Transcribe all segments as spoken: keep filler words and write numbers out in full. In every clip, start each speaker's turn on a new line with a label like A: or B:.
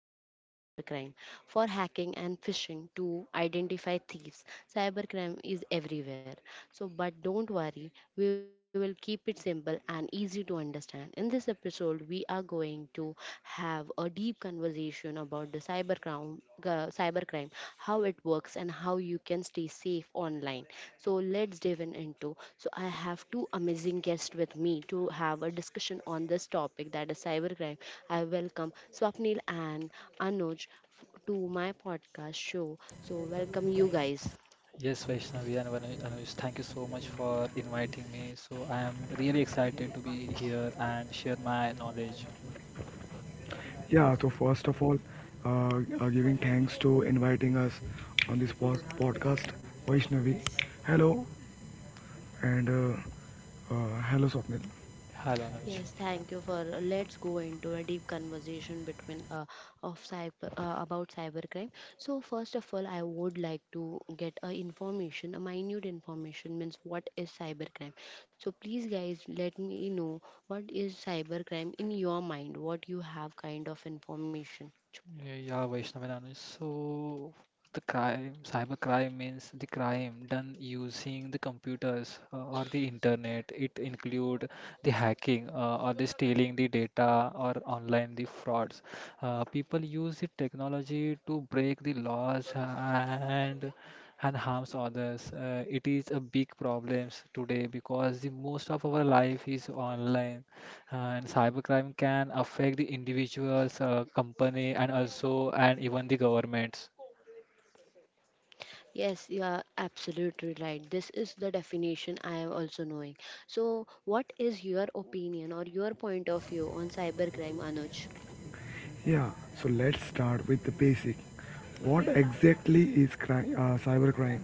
A: of us, cybercrime. For hacking and phishing to identify thieves, cybercrime is everywhere. So but don't worry, we will keep it simple and easy to understand. In this episode, we are going to have a deep conversation about the cybercrime, uh, cybercrime, how it works and how you can stay safe online. So let's dive in into so I have two amazing guests with me to have a discussion on this topic, that is cybercrime. I welcome Swapnil and Anuj f- to my podcast show. So welcome, you guys.
B: Yes, Vaishnavi and Anu- Anuj, thank you so much for inviting me. So I am really excited to be here and share my knowledge.
C: Yeah, so first of all, uh, uh, giving thanks to inviting us on this pod- podcast, Vaishnavi. Hello, and uh, uh, hello, Swapnil.
B: Hello, Anuj.
A: Yes, thank you for uh, let's go into a deep conversation between uh, of cyber uh, about cybercrime. So first of all, I would like to get a information, a minute information, means what is cybercrime. So please, guys, let me know what is cybercrime in your mind, what you have kind of information.
B: Yeah, yeah, Vaishnav So the crime, cyber crime means the crime done using the computers uh, or the internet. It include the hacking uh, or the stealing the data or online the frauds. Uh, people use the technology to break the laws and and harms others. Uh, it is a big problems today because the most of our life is online and cybercrime can affect the individuals, uh, company, and also and even the governments.
A: Yes, you are absolutely right. This is the definition I am also knowing. So, what is your opinion or your point of view on cybercrime, Anuj?
C: Yeah, so let's start with the basic. What exactly is crime, uh, cybercrime?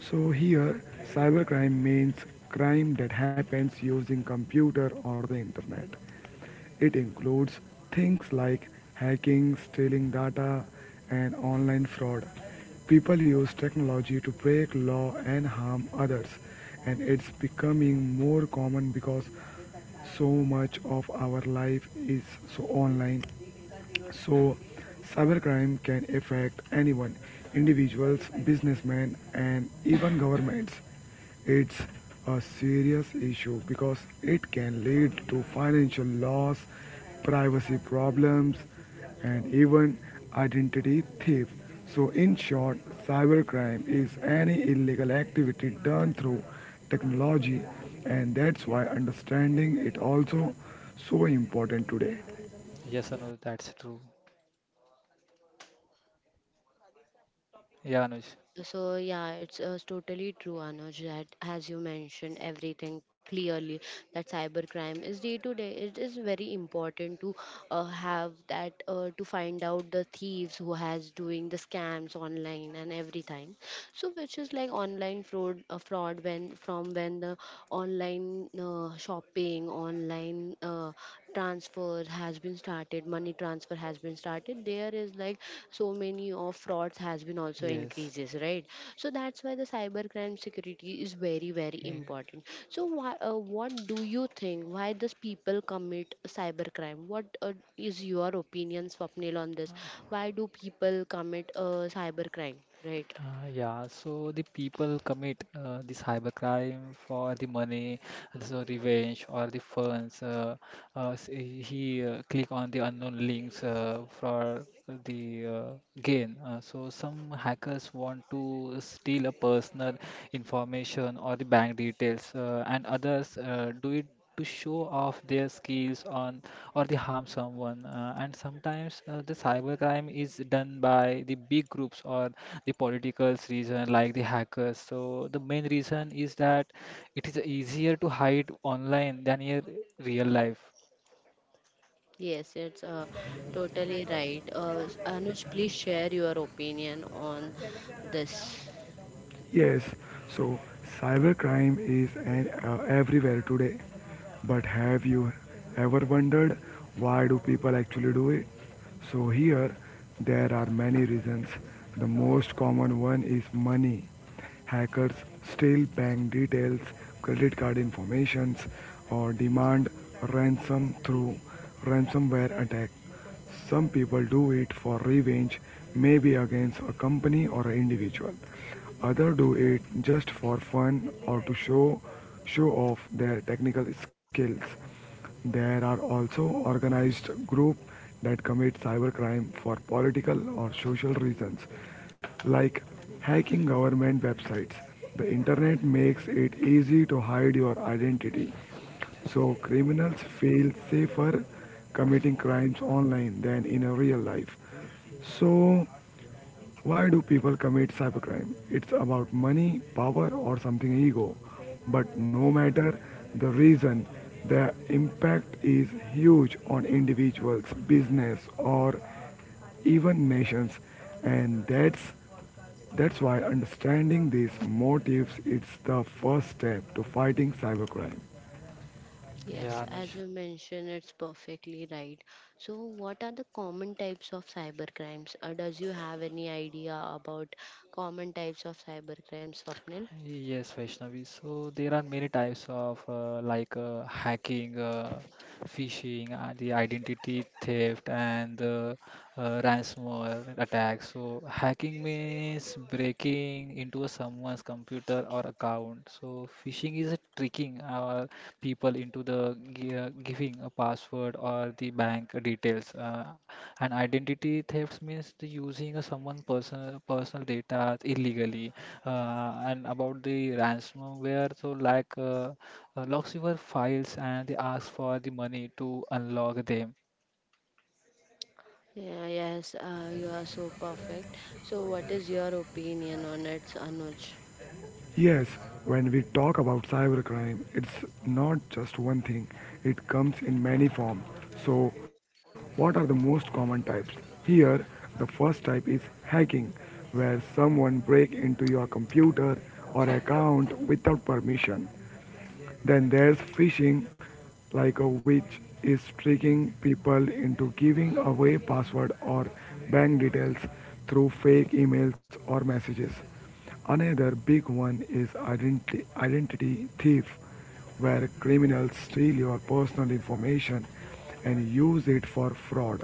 C: So here, cybercrime means crime that happens using computer or the internet. It includes things like hacking, stealing data, and online fraud. People use technology to break law and harm others, and it's becoming more common because so much of our life is so online. So, cybercrime can affect anyone individuals, businessmen, and even governments. It's a serious issue because it can lead to financial loss, privacy problems, and even identity theft. So, in short, cybercrime is any illegal activity done through technology, and that's why understanding it also so important today.
B: Yes, Anuj, that's true. Yeah, Anuj.
A: So yeah, it's uh, totally true, Anuj, that as you mentioned everything clearly that cybercrime is day to day. It is very important to uh, have that uh, to find out the thieves who has doing the scams online and everything. So which is like online fraud, uh, fraud when from when the online uh, shopping, online uh, transfer has been started money transfer has been started, there is like so many of frauds has been also
B: Yes.
A: increases, right? So that's why the cybercrime security is very, very
B: Yeah.
A: important. So why, uh, what do you think, why does people commit cybercrime? What uh, is your opinion, Swapnil, on this? Why do people commit uh, cybercrime, right?
B: Uh, yeah, so the people commit uh, this cybercrime for the money, and so revenge or the funds. Uh, uh, s- eh, he uh, Click on the unknown links uh, for the uh, gain. Uh, so some hackers want to steal a personal information or the bank details, uh, and others uh, do it to show off their skills on or they harm someone uh, and sometimes uh, the cybercrime is done by the big groups or the politicals reason like the hackers, so the main reason is that it is easier to hide online than in real life.
A: Yes, it's uh, totally right. uh, Anuj, please share your opinion on this.
C: Yes, so cybercrime is an, uh, everywhere today. But have you ever wondered why do people actually do it? So here there are many reasons. The most common one is money. Hackers steal bank details, credit card informations or demand ransom through ransomware attack. Some people do it for revenge, maybe against a company or an individual. Others do it just for fun or to show show off their technical skills. There are also organized groups that commit cybercrime for political or social reasons, like hacking government websites. The internet makes it easy to hide your identity so criminals feel safer committing crimes online than in a real life. So why do people commit cybercrime? It's about money, power, or something ego. But no matter the reason, the impact is huge on individuals, business, or even nations, and that's that's why understanding these motives is the first step to fighting cybercrime.
A: Yes,
B: Yeah,
A: as
B: Anuj.
A: you mentioned, it's perfectly right. So, what are the common types of cybercrimes? Or does you have any idea about common types of cybercrimes, Swapnil?
B: Yes, Vaishnavi. So there are many types of uh, like uh, hacking, uh, phishing, uh, the identity theft, and the uh, ransomware attack. So hacking means breaking into someone's computer or account. So phishing is a tricking our people into the gi- uh, giving a password password or the bank details. Uh, and identity theft means the using of someone personal personal data illegally. Uh, and about the ransomware, so like uh, uh, locks your files and they ask for the money to unlock them.
A: Yeah, yes, uh, you are so perfect. So, what is your opinion on it, Anuj?
C: Yes, when we talk about cybercrime, it's not just one thing, it comes in many forms. So, what are the most common types? Here, the first type is hacking, where someone breaks into your computer or account without permission. Then there's phishing, like a witch is tricking people into giving away password or bank details through fake emails or messages. Another big one is identity, identity thief, where criminals steal your personal information and use it for fraud.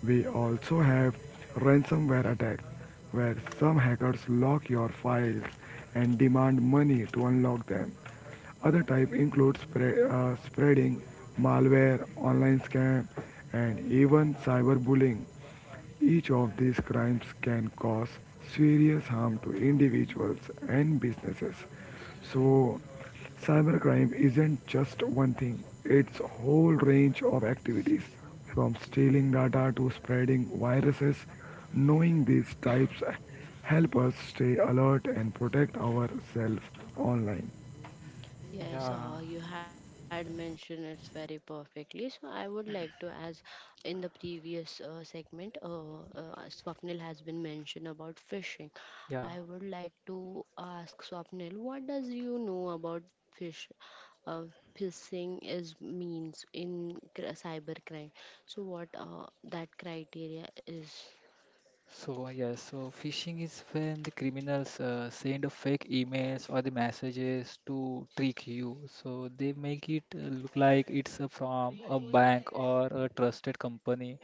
C: We also have ransomware attack, where some hackers lock your files and demand money to unlock them. Other type include spre- uh, spreading malware, online scam, and even cyberbullying. Each of these crimes can cause serious harm to individuals and businesses. So, cybercrime isn't just one thing, it's a whole range of activities from stealing data to spreading viruses. Knowing these types help us stay alert and protect ourselves online.
A: Yes,
B: Yeah,
A: uh, you had mentioned it very perfectly. So I would like to, as in the previous uh, segment, uh, uh, Swapnil has been mentioned about fishing.
B: yeah.
A: I would like to ask Swapnil, what does you know about fish? Uh, Fishing is, means in cr- cybercrime. So what uh, that criteria is?
B: So yes, so phishing is when the criminals uh, send a fake emails or the messages to trick you. So they make it uh, look like it's uh, from a bank or a trusted company.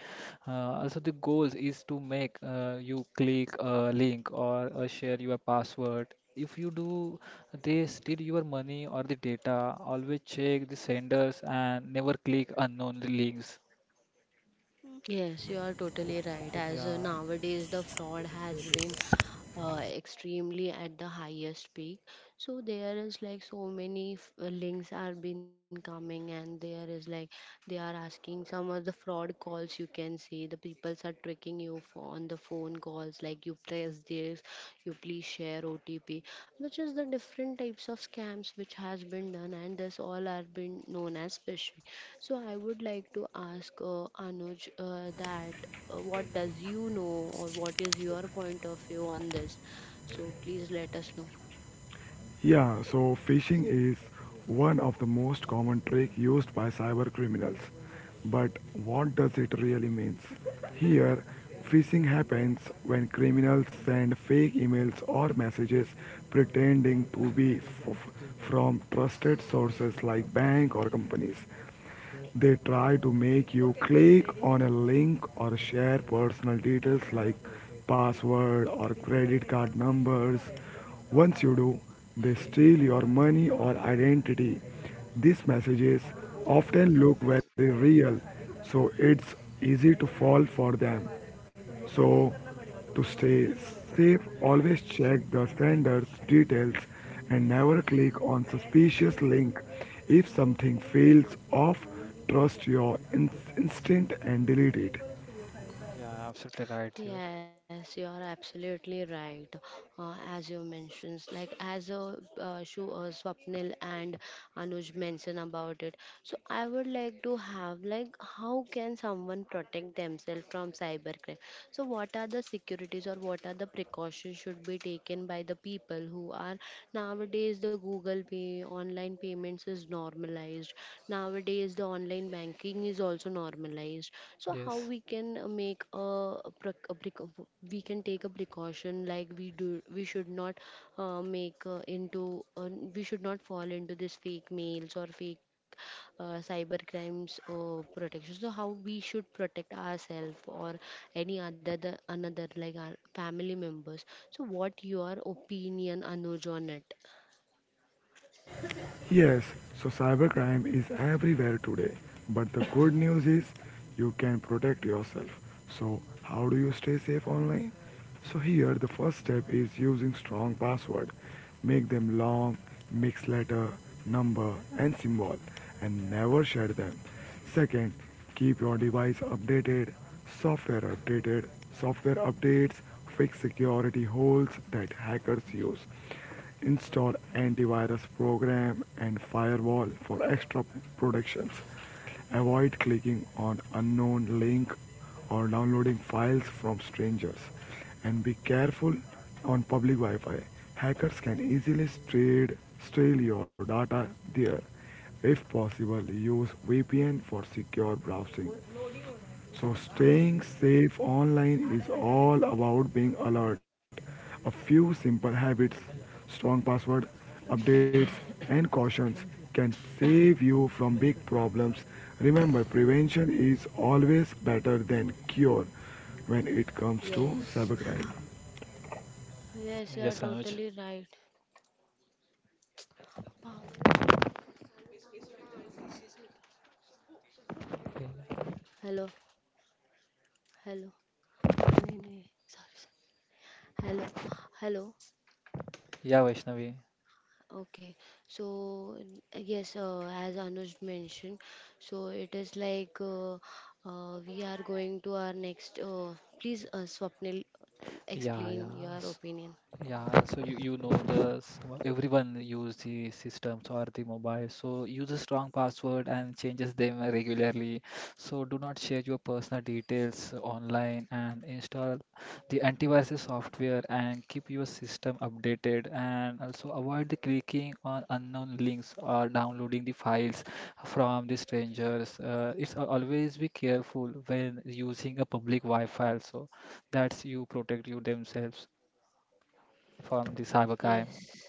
B: Uh, also, the goal is to make uh, you click a link or uh, share your password. If you do, they steal your money or the data. Always check the senders and never click unknown links.
A: Yes, you are totally right. As uh,
B: Yeah,
A: nowadays the fraud has been uh, extremely at the highest peak, so there is like so many f- uh, links are been coming, and there is like they are asking some of the fraud calls. You can see the peoples are tricking you for on the phone calls, like you press this, you please share OTP, which is the different types of scams which has been done, and this all are been known as phishing. So I would like to ask uh, Anuj uh, that uh, what does you know or what is your point of view on this? So please let us know.
C: Yeah, so phishing is one of the most common trick used by cyber criminals. But what does it really means? Here, phishing happens when criminals send fake emails or messages pretending to be f- from trusted sources like bank or companies. They try to make you click on a link or share personal details like password or credit card numbers. Once you do, they steal your money or identity. These messages often look very real, so it's easy to fall for them. So, to stay safe, always check the sender's details and never click on suspicious link. If something feels off, trust your in- instinct and delete it.
B: yeah, absolutely right here.
A: Yes, you are absolutely right. Uh, as you mentioned, like as a uh, Shu, uh, Swapnil and Anuj mentioned about it. So I would like to have like, how can someone protect themselves from cybercrime? So, what are the securities or what are the precautions should be taken by the people who are nowadays? The Google Pay, online payments is normalized. Nowadays, the online banking is also normalized. So, how
B: Yes.
A: we can uh, make a, a, prec- a, prec- we can take a precaution, like we do, we should not uh, make uh, into uh, we should not fall into this fake mails or fake uh, cyber crimes uh, protection. So how we should protect ourselves or any other the, another, like our family members? So what your opinion, Anuj, on it?
C: Yes, so cybercrime is everywhere today. But the good news is you can protect yourself. So, how do you stay safe online? So, here the first step is using strong password. Make them long, mixed letter, number, and symbol, and never share them. Second, keep your device updated, software updated, software updates fix security holes that hackers use. Install antivirus program and firewall for extra protections. Avoid clicking on unknown link or downloading files from strangers and be careful on public Wi-Fi. Hackers can easily steal, steal your data there if possible, use V P N for secure browsing. So, staying safe online is all about being alert. A few simple habits, strong password, updates, and cautions can save you from big problems. Remember, prevention is always better than cure when it comes to
A: Yes,
C: cybercrime.
A: yes, you are
B: Yes, Anuj.
A: totally right. Hello? Hello? नहीं, नहीं, sorry, sorry. Hello? Hello?
B: Yeah, Vaishnavi.
A: Okay, so n- uh, yes, uh, as Anuj mentioned, so it is like uh, uh, we are going to our next. Uh, please, uh, Swapnil,
B: Yeah,
A: explain
B: yeah.
A: your
B: S-
A: opinion.
B: Yeah, so you, you know the s- wha- everyone use the systems or the mobile. So use a strong password and changes them regularly. So do not share your personal details online and install the antivirus software and keep your system updated, and also avoid the clicking on unknown links or downloading the files from the strangers. Uh, it's al- always be careful when using a public Wi-Fi. So that's you protect you themselves from the cyber crime.
A: Yes.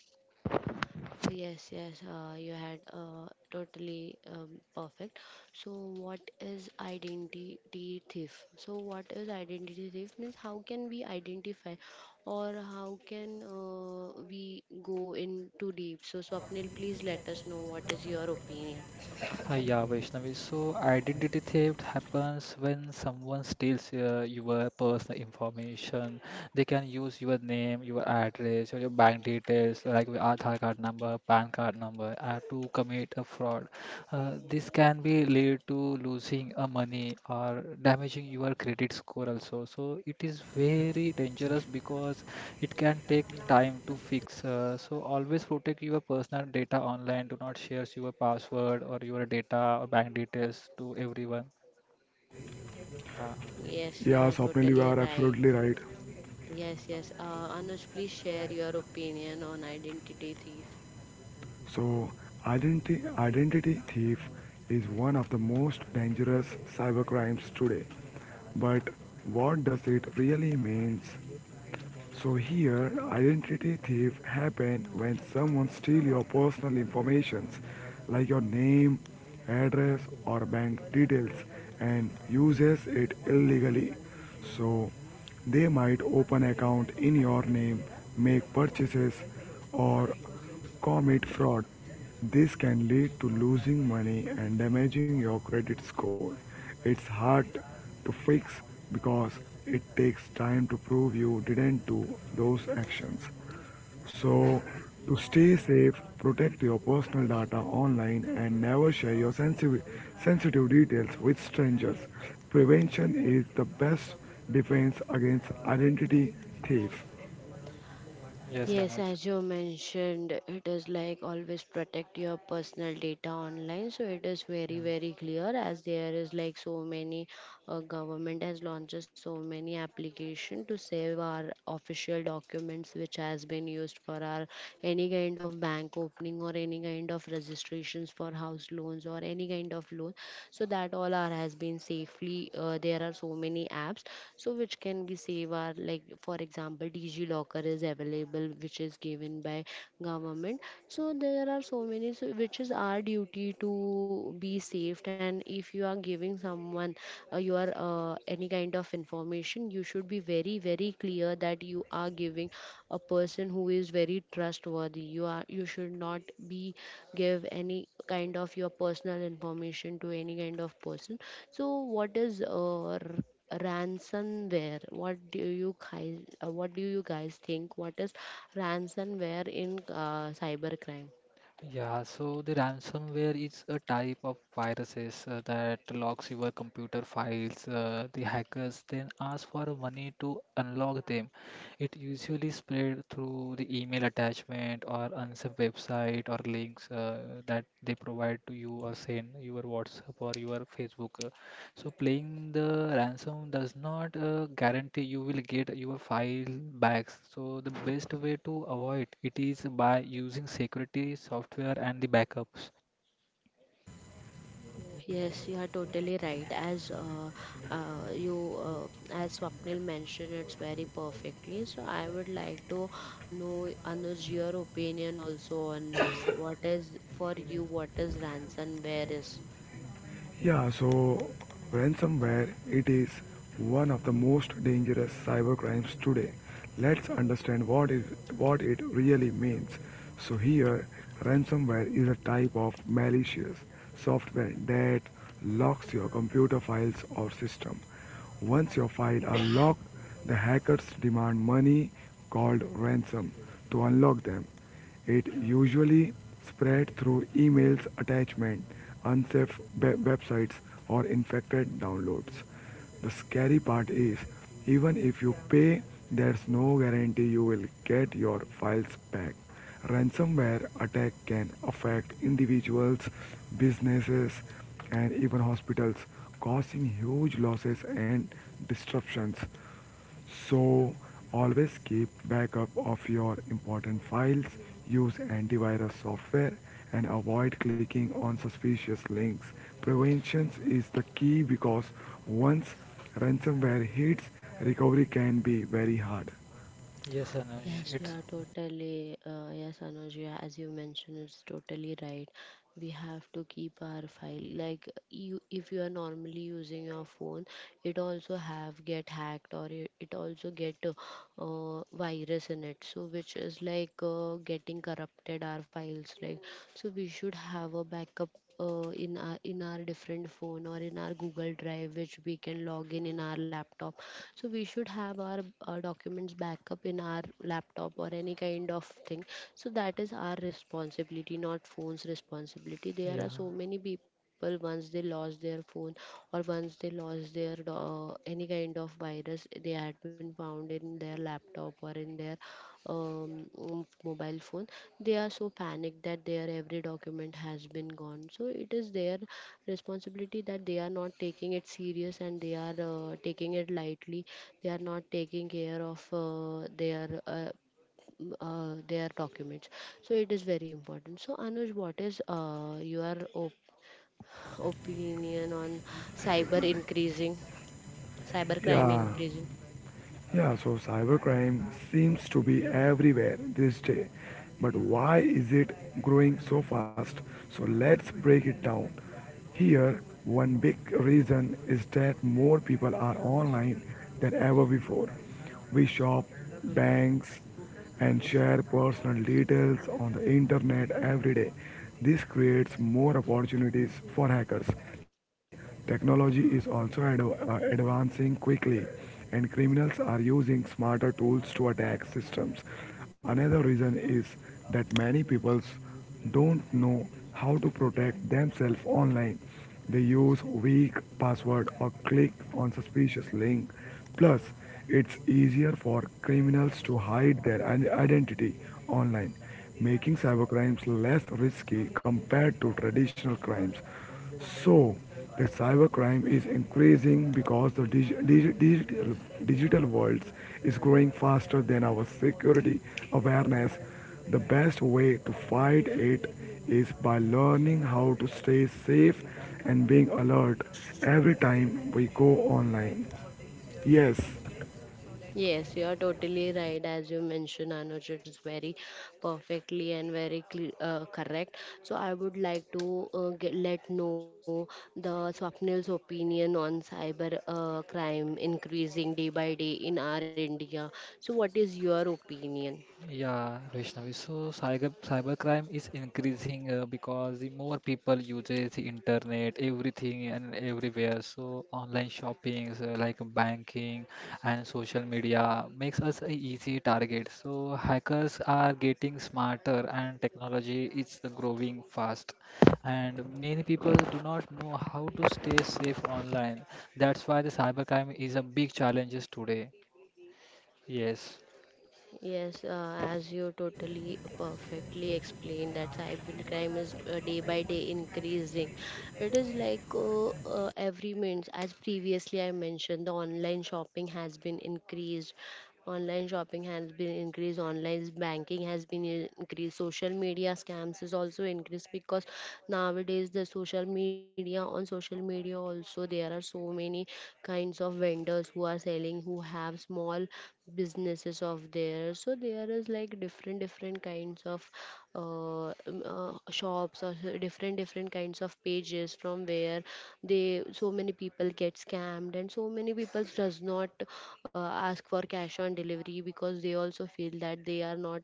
A: Yes, yes, uh, you had uh, totally um, perfect. So, what is identity thief? So, what is identity thief means? How can we identify, or how can uh, we go in too deep? So, Swapnil, please let us know what is your opinion.
B: Uh, yeah, Vaishnavi. So identity theft happens when someone steals uh, your personal information. They can use your name, your address, or your bank details like your Aadhaar card number, P A N card number uh, to commit a fraud. Uh, this can be lead to losing uh, money or damaging your credit score also. So it is very dangerous because it can take time to fix. Uh, so always protect your personal data online. Do not share your password or your data or bank details to everyone. Yeah.
A: Yes, you
C: Yeah,
A: are
C: Swapnil, you
A: totally
C: are
A: right.
C: absolutely right.
A: Yes, yes. Uh, Anuj, please share your opinion on identity thief.
C: So, identity, identity thief is one of the most dangerous cybercrimes today. But what does it really means? So here, identity thief happen when someone steal your personal informations, like your name, address, or bank details, and uses it illegally. So they might open account in your name, make purchases, or commit fraud. This can lead to losing money and damaging your credit score. It's hard to fix because it takes time to prove you didn't do those actions. So, to stay safe, protect your personal data online and never share your sensitive, sensitive details with strangers. Prevention is the best defense against identity thief.
B: Yes,
A: Yes,
B: Anuj.
A: as you mentioned, it is like always protect your personal data online. So it is very,
B: Yeah.
A: very clear, as there is like so many uh, government has launched so many application to save our official documents which has been used for our any kind of bank opening or any kind of registrations for house loans or any kind of loan. So that all our has been safely, uh, there are so many apps, so which can be save our. Like for example, DG Locker is available, which is given by government. So there are so many, so which is our duty to be safe. And if you are giving someone uh, your uh, any kind of information, you should be very, very clear that you are giving a person who is very trustworthy. You are you should not be give any kind of your personal information to any kind of person. So, what is uh, r- ransomware? What do you guys, uh, what do you guys think, what is ransomware in uh, cybercrime?
B: Yeah, so the ransomware is a type of viruses uh, that locks your computer files. Uh, the hackers then ask for money to unlock them. It usually spread through the email attachment or unsafe website or links uh, that they provide to you or send your WhatsApp or your Facebook. So playing the ransom does not uh, guarantee you will get your file back. So the best way to avoid it is by using security software and the backups.
A: Yes, you are totally right. As uh, uh, you, uh, as Swapnil mentioned, it's very perfectly. So I would like to know Anuj your opinion also on it. So what is for you, what is ransomware is?
C: Yeah, so ransomware it is one of the most dangerous cyber crimes today. Let's understand what is what it really means. So here ransomware is a type of malicious software that locks your computer files or system. Once your files are locked, the hackers demand money called ransom to unlock them. It usually spread through emails, attachment, unsafe websites or infected downloads. The scary part is even if you pay, there's no guarantee you will get your files back. Ransomware attack can affect individuals, businesses, and even hospitals, causing huge losses and disruptions. So, always keep backup of your important files, use antivirus software, and avoid clicking on suspicious links. Prevention is the key because once ransomware hits, recovery can be very hard.
B: Yes, Anuj.
A: Yes, you
B: It
A: are totally, uh, yes, Anuj, you- as you mentioned, it's totally right. We have to keep our file. Like, you, if you are normally using your phone, it also have get hacked, or it, it also get uh, uh, virus in it, so which is like uh, getting corrupted our files. Like, so we should have a backup uh, in our in our different phone or in our Google Drive, which we can log in in our laptop. So we should have our uh, documents backup in our laptop or any kind of thing. So that is our responsibility, not phone's responsibility. There are
B: Yeah.
A: so many people, once once they lost their phone, or once they lost their uh, any kind of virus, they had been found in their laptop or in their um, um, mobile phone, they are so panicked that their every document has been gone. So it is their responsibility that they are not taking it serious and they are uh, taking it lightly. They are not taking care of uh, their uh, m- uh, their documents. So it is very important. So Anuj, what is uh, your opinion on cyber increasing, cyber crime
C: Yeah,
A: increasing?
C: Yeah, so cybercrime seems to be everywhere this day. But why is it growing so fast? So let's break it down. Here, one big reason is that more people are online than ever before. We shop, banks, and share personal details on the internet every day. This creates more opportunities for hackers. Technology is also ad- uh, advancing quickly, and criminals are using smarter tools to attack systems. Another reason is that many people don't know how to protect themselves online. They use weak passwords or click on suspicious links. Plus, it's easier for criminals to hide their identity online, making cybercrimes less risky compared to traditional crimes. So, the cybercrime is increasing because the dig- dig- digital, digital world is growing faster than our security awareness. The best way to fight it is by learning how to stay safe and being alert every time we go online. Yes.
A: Yes, you are totally right. As you mentioned, Anuj, it's very perfectly and very cle uh, correct. So I would like to uh, get, let know the Swapnil's opinion on cyber uh, crime increasing day by day in our India. So what is your opinion?
B: Yeah, Vaishnavi. So cyber cybercrime is increasing uh, because the more people uses the internet, everything and everywhere. So online shopping, uh, like banking and social media, makes us a easy target. So hackers are getting smarter, and technology is growing fast. And many people do not know how to stay safe online. That's why the cybercrime is a big challenge today. Yes.
A: Yes, uh, as you totally uh, perfectly explained that cybercrime is uh, day by day increasing. It is like uh, uh, every means, as previously I mentioned, the online shopping has been increased. Online shopping has been increased. Online banking has been in- increased. Social media scams is also increased because nowadays the social media, on social media also, there are so many kinds of vendors who are selling, who have small businesses of there. So there is like different, different kinds of uh, um, uh, shops, or so different, different kinds of pages from where they, so many people get scammed, and so many people does not uh, ask for cash on delivery, because they also feel that they are not,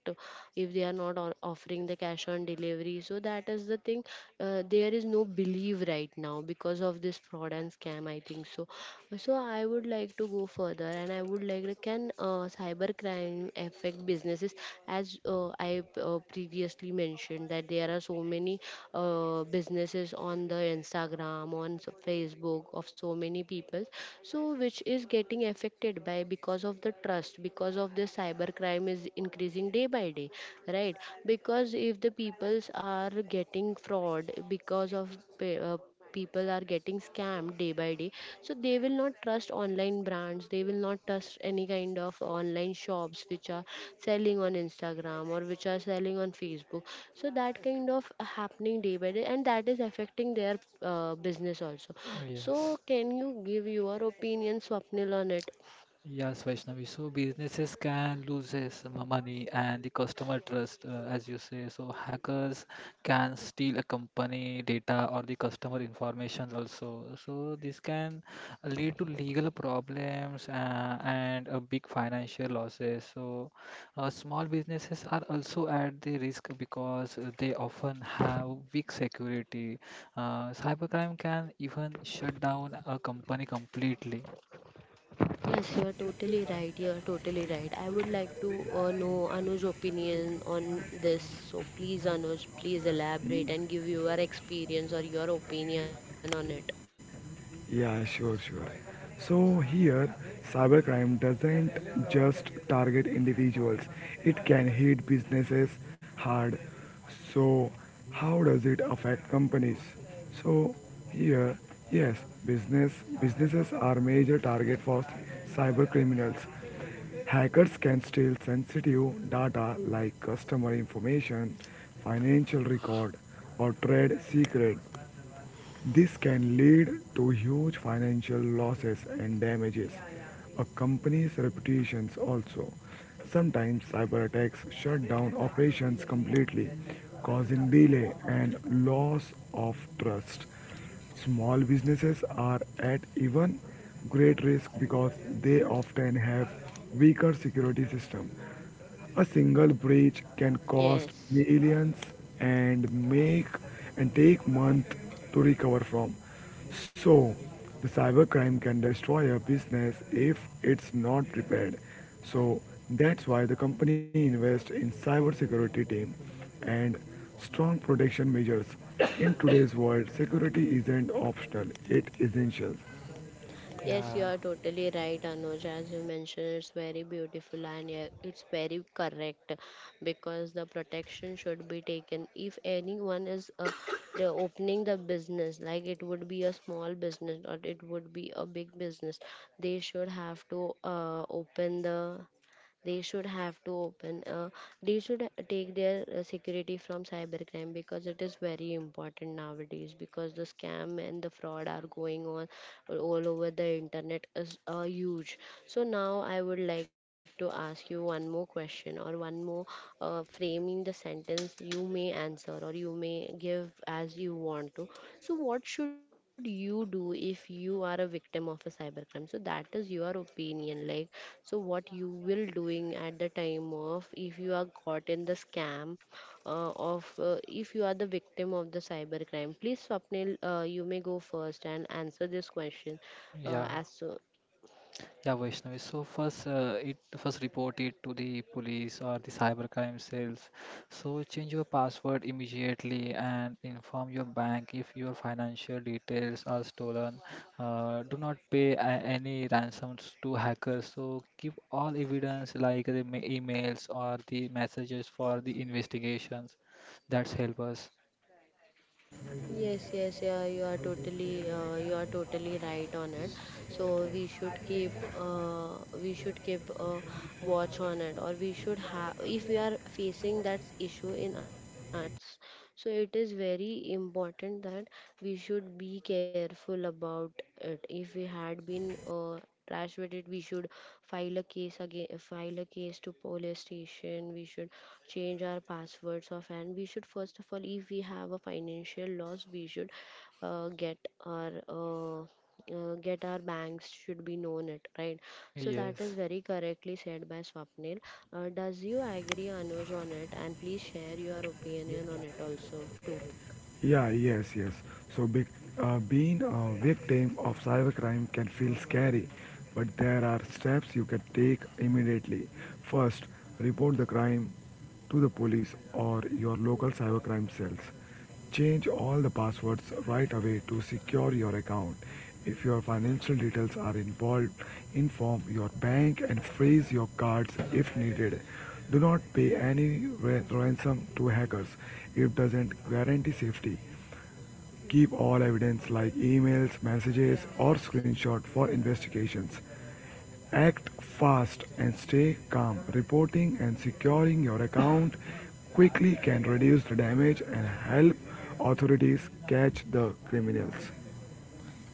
A: if they are not on- offering the cash on delivery, so that is the thing. Uh, there is no believe right now because of this fraud and scam, I think so. So I would like to go further, and I would like to, can uh, cyber crime affect businesses? As uh, I uh, previously mentioned that there are so many uh, businesses on the Instagram, on s- Facebook, of so many people. So which is getting affected by, because of the trust, because of the cyber crime is increasing day by day, right? Because if the peoples are getting fraud, because of pe- uh, people are getting scammed day by day, so they will not trust online brands, they will not trust any kind of online shops which are selling on Instagram or which are selling on Facebook. So that kind of happening day by day, and that is affecting their uh, business also. So
B: Yes.
A: can you give your opinion, Swapnil, on it?
B: Yes, Vaishnavi. So businesses can lose some money and the customer trust, uh, as you say. So hackers can steal a company data or the customer information also. So this can lead to legal problems uh, and a big financial losses. So uh, small businesses are also at the risk because uh, they often have big security. Uh, cybercrime can even shut down a company completely.
A: Yes, you are totally right. You are totally right. I would like to uh, know Anuj's opinion on this. So please, Anuj, please elaborate and give your experience or your opinion on it.
C: Yeah, sure, sure. So here, cybercrime doesn't just target individuals, it can hit businesses hard. So, how does it affect companies? So, here, yes, business businesses are major target for cyber criminals. Hackers can steal sensitive data like customer information, financial record, or trade secret this can lead to huge financial losses and damages. A company's reputations also. Sometimes cyber attacks shut down operations completely, causing delay and loss of trust. Small businesses are at even great risk because they often have weaker security system a single breach can cost
A: Yes.
C: millions and make and take months to recover from. So, the cybercrime can destroy a business if it's not repaired. So, that's why the company invests in cybersecurity team and strong protection measures. In today's world, security isn't optional, it essential.
A: Yes, you
B: Yeah.
A: are totally right, Anuj. As you mentioned, it's very beautiful and yeah, it's very correct because the protection should be taken. If anyone is uh, the opening the business, like it would be a small business or it would be a big business, they should have to uh, open the they should have to open uh, they should take their uh, security from cybercrime because it is very important nowadays because the scam and the fraud are going on all over the internet is uh, huge. So now I would like to ask you one more question or one more uh, framing the sentence you may answer or you may give as you want to. So what should you do if you are a victim of a cybercrime? So that is your opinion, like so what you will doing at the time of if you are caught in the scam uh, of uh, if you are the victim of the cybercrime. Please Swapnil, uh, you may go first and answer this question. uh,
B: Yeah,
A: as so,
B: Yeah, Vaishnavi. So first, uh, it first report it to the police or the cybercrime cells. So change your password immediately and inform your bank if your financial details are stolen. Uh, do not pay a- any ransoms to hackers. So keep all evidence like the ma- emails or the messages for the investigations. That's help us.
A: Yes, yes, yeah, you are totally, uh, you are totally right on it. So we should keep, uh, we should keep a watch on it, or we should have, if we are facing that issue in us, so it is very important that we should be careful about it. If we had been, uh, trash with it, we should file a case again, file a case to police station. We should change our passwords of and we should first of all if we have a financial loss we should uh, get our uh, uh, get our banks should be known it right. So that is
B: Yes.
A: very correctly said by Swapnil. Uh, does you agree Anuj on it and please share your opinion on it also too?
C: Yeah, yes, yes. So be, uh, being a victim of cybercrime can feel scary, but there are steps you can take immediately. First, report the crime to the police or your local cybercrime cells. Change all the passwords right away to secure your account. If your financial details are involved, inform your bank and freeze your cards if needed. Do not pay any ransom to hackers. It doesn't guarantee safety. Keep all evidence like emails, messages, or screenshots for investigations. Act fast and stay calm. Reporting and securing your account quickly can reduce the damage and help authorities catch the criminals.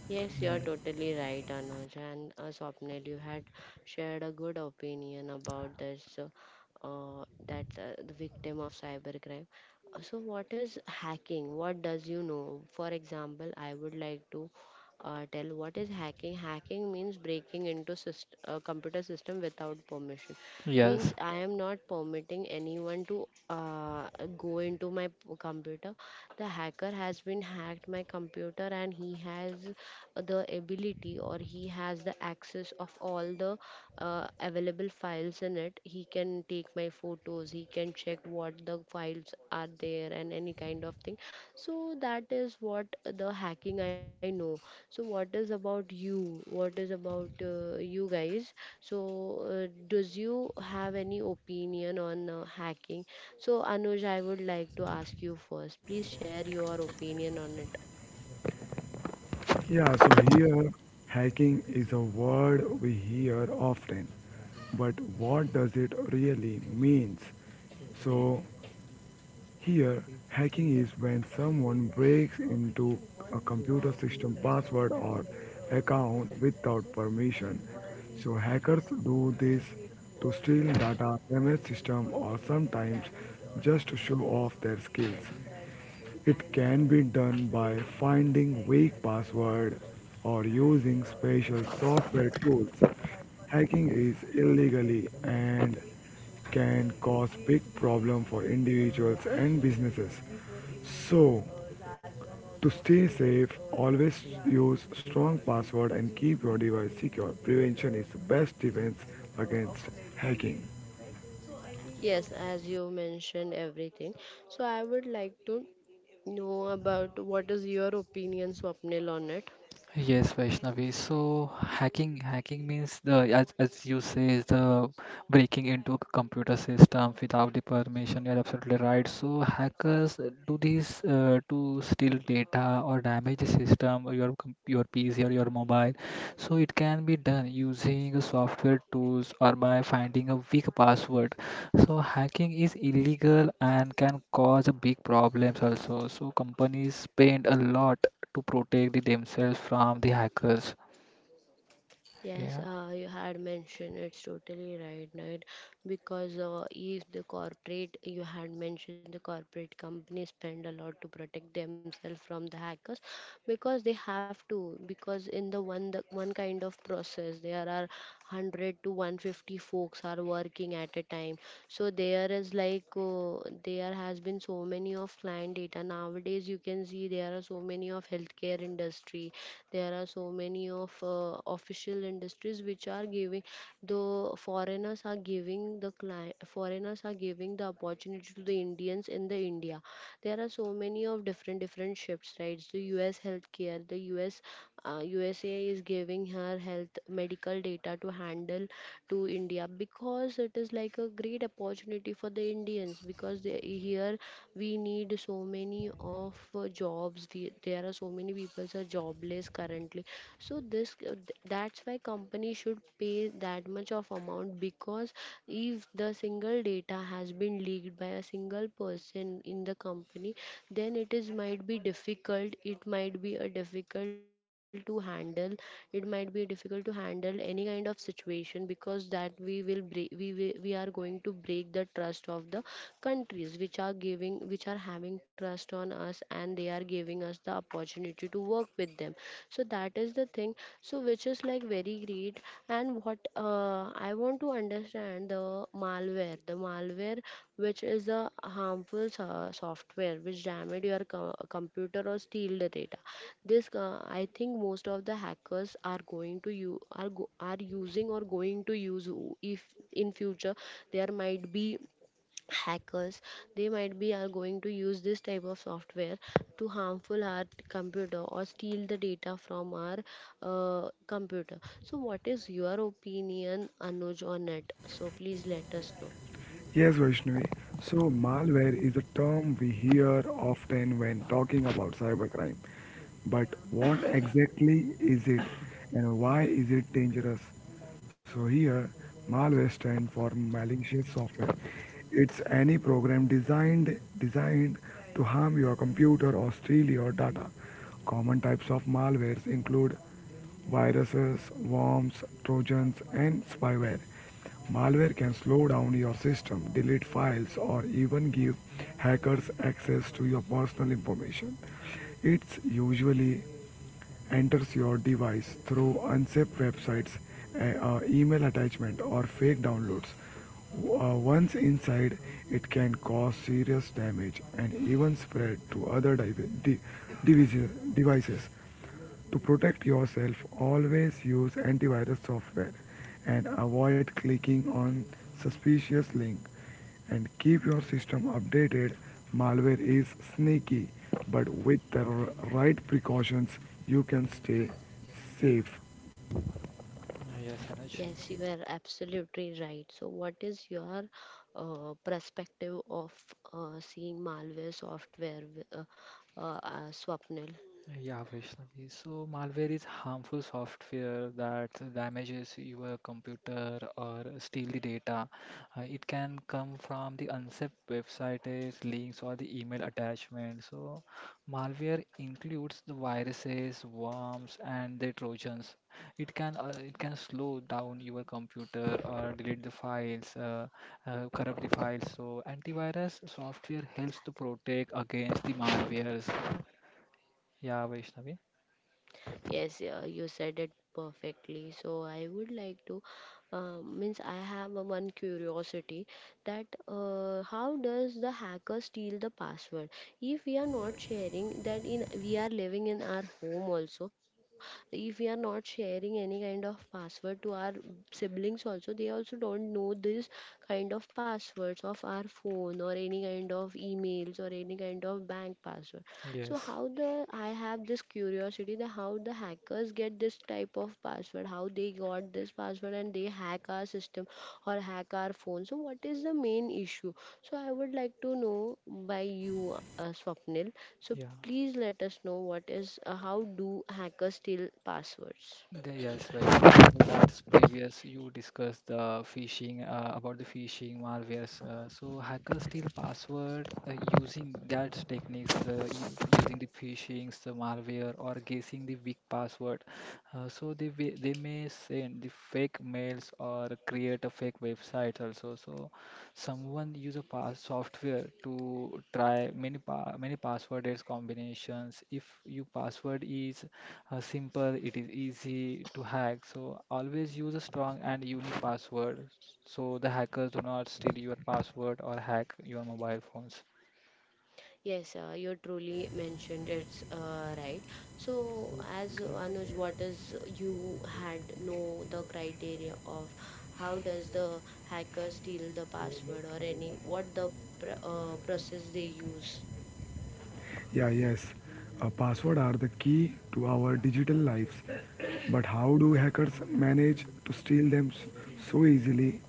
A: Yes, you are
B: Mm.
A: totally right, Anuj. And uh, Swapnil, you had shared a good opinion about this, uh, uh, that uh, the victim of cybercrime. Uh, So, what is hacking? What does you know? For example, I would like to uh, tell what is hacking. Hacking means breaking into syst- uh, computer system without permission. Means
B: Yes.
A: I am not permitting anyone to uh, go into my p- computer. The hacker has been hacked my computer and he has the ability or he has the access of all the uh, available files in it. He can take my photos, he can check what the files are there and any kind of thing. So that is what the hacking I know. So what is about you? What is about uh, you guys? So uh, does you have any opinion on uh, hacking? So Anuj, I would like to ask you first, please share your opinion on it.
C: Yeah, so here hacking is a word we hear often, but what does it really means? So here hacking is when someone breaks into a computer system password or account without permission. So hackers do this to steal data, damage system or sometimes just to show off their skills. It can be done by finding weak password or using special software tools. Hacking is illegally and can cause big problem for individuals and businesses. So, to stay safe, always use strong password and keep your device secure. Prevention is the best defense against hacking.
A: Yes, as you mentioned everything. So I would like to know about what is your opinion, Swapnil, on it.
B: Yes, Vaishnavi. So hacking hacking means the as as you say is the breaking into a computer system without the permission. You're absolutely right. So hackers uh, do this uh, to steal data or damage the system or your com- your P C or your mobile. So it can be done using software tools or by finding a weak password. So hacking is illegal and can cause a big problems also. So companies spend a lot to protect the themselves from the hackers.
A: Yes,
B: Yeah.
A: uh, you had mentioned it's totally right, right? Because uh, if the corporate, you had mentioned the corporate companies spend a lot to protect themselves from the hackers, because they have to. Because in the one the one kind of process, there are hundred to one fifty folks are working at a time. So there is like uh, there has been so many of client data nowadays. You can see there are so many of healthcare industry, there are so many of uh, official industries which are giving the foreigners are giving the client foreigners are giving the opportunity to the Indians in the India. There are so many of different different shifts, right? So US healthcare, the US uh, USA is giving her health medical data to handle to India because it is like a great opportunity for the Indians because they, here we need so many of uh, jobs we, there are so many people are jobless currently. So this uh, th- that's why company should pay that much of amount because if the single data has been leaked by a single person in the company, then it is might be difficult, it might be a difficult to handle, it might be difficult to handle any kind of situation because that we will break we wi- we are going to break the trust of the countries which are giving which are having trust on us and they are giving us the opportunity to work with them. So that is the thing. So which is like very great. And what uh, I want to understand the malware, the malware which is a harmful so- software which damage your co- computer or steal the data. This uh, I think most of the hackers are going to you are go, are using or going to use o- if in future there might be hackers, they might be are going to use this type of software to harmful our computer or steal the data from our uh, computer. So what is your opinion Anuj on it? So please let us know.
C: Yes, Vaishnavi. So, malware is a term we hear often when talking about cybercrime. But what exactly is it and why is it dangerous? So, here, malware stands for malicious software. It's any program designed designed to harm your computer or steal your data. Common types of malwares include viruses, worms, trojans, and spyware. Malware can slow down your system, delete files, or even give hackers access to your personal information. It usually enters your device through unsafe websites, a- uh, email attachment, or fake downloads. Uh, once inside, it can cause serious damage and even spread to other divi- di- devices. To protect yourself, always use antivirus software and avoid clicking on suspicious links. And keep your system updated. Malware is sneaky, but with the right precautions, you can stay safe.
B: Yes,
A: Yes,
B: Anuj.
A: you are absolutely right. So, what is your uh, perspective of uh, seeing malware software, w- uh, uh, uh, Swapnil?
B: Yeah, Vaishnavi. So malware is harmful software that damages your computer or steal the data. Uh, it can come from the unsafe websites, links, or the email attachment. So malware includes the viruses, worms, and the trojans. It can uh, it can slow down your computer or delete the files, uh, uh, corrupt the files. So antivirus software helps to protect against the malwares. Yeah, Vaishnavi.
A: Yes, yeah, you said it perfectly. So I would like to, uh, means I have a one curiosity that uh, how does the hacker steal the password? If we are not sharing that in, we are living in our home also. If we are not sharing any kind of password to our siblings also, they also don't know this kind of passwords of our phone or any kind of emails or any kind of bank password. So
B: Yes,
A: how the I have this curiosity that how the hackers get this type of password, how they got this password and they hack our system or hack our phone. So what is the main issue? So I would like to know by you uh, Swapnil, so
B: yeah,
A: please let us know what is uh, how do hackers steal passwords?
B: The- yes, Vaishnavi. So that's previous. You discussed the phishing uh, about the phishing malwares. Uh, so hackers steal password uh, using that techniques, uh, u- using the phishing, the malware, or guessing the weak password. Uh, so they wi- they may send the fake mails or create a fake website also. So someone use a pass software to try many pa- many password as combinations. If your password is uh, simple, it is easy to hack. So always use a strong and unique password so the hackers do not steal your password or hack your mobile phones.
A: Yes, uh, you truly mentioned it's uh, right. So, as uh, Anuj, what is you had know the criteria of how does the hacker steal the password or any what the pr- uh, process they use?
C: Yeah, yes. Uh, password are the key to our digital lives. But how do hackers manage to steal them so easily?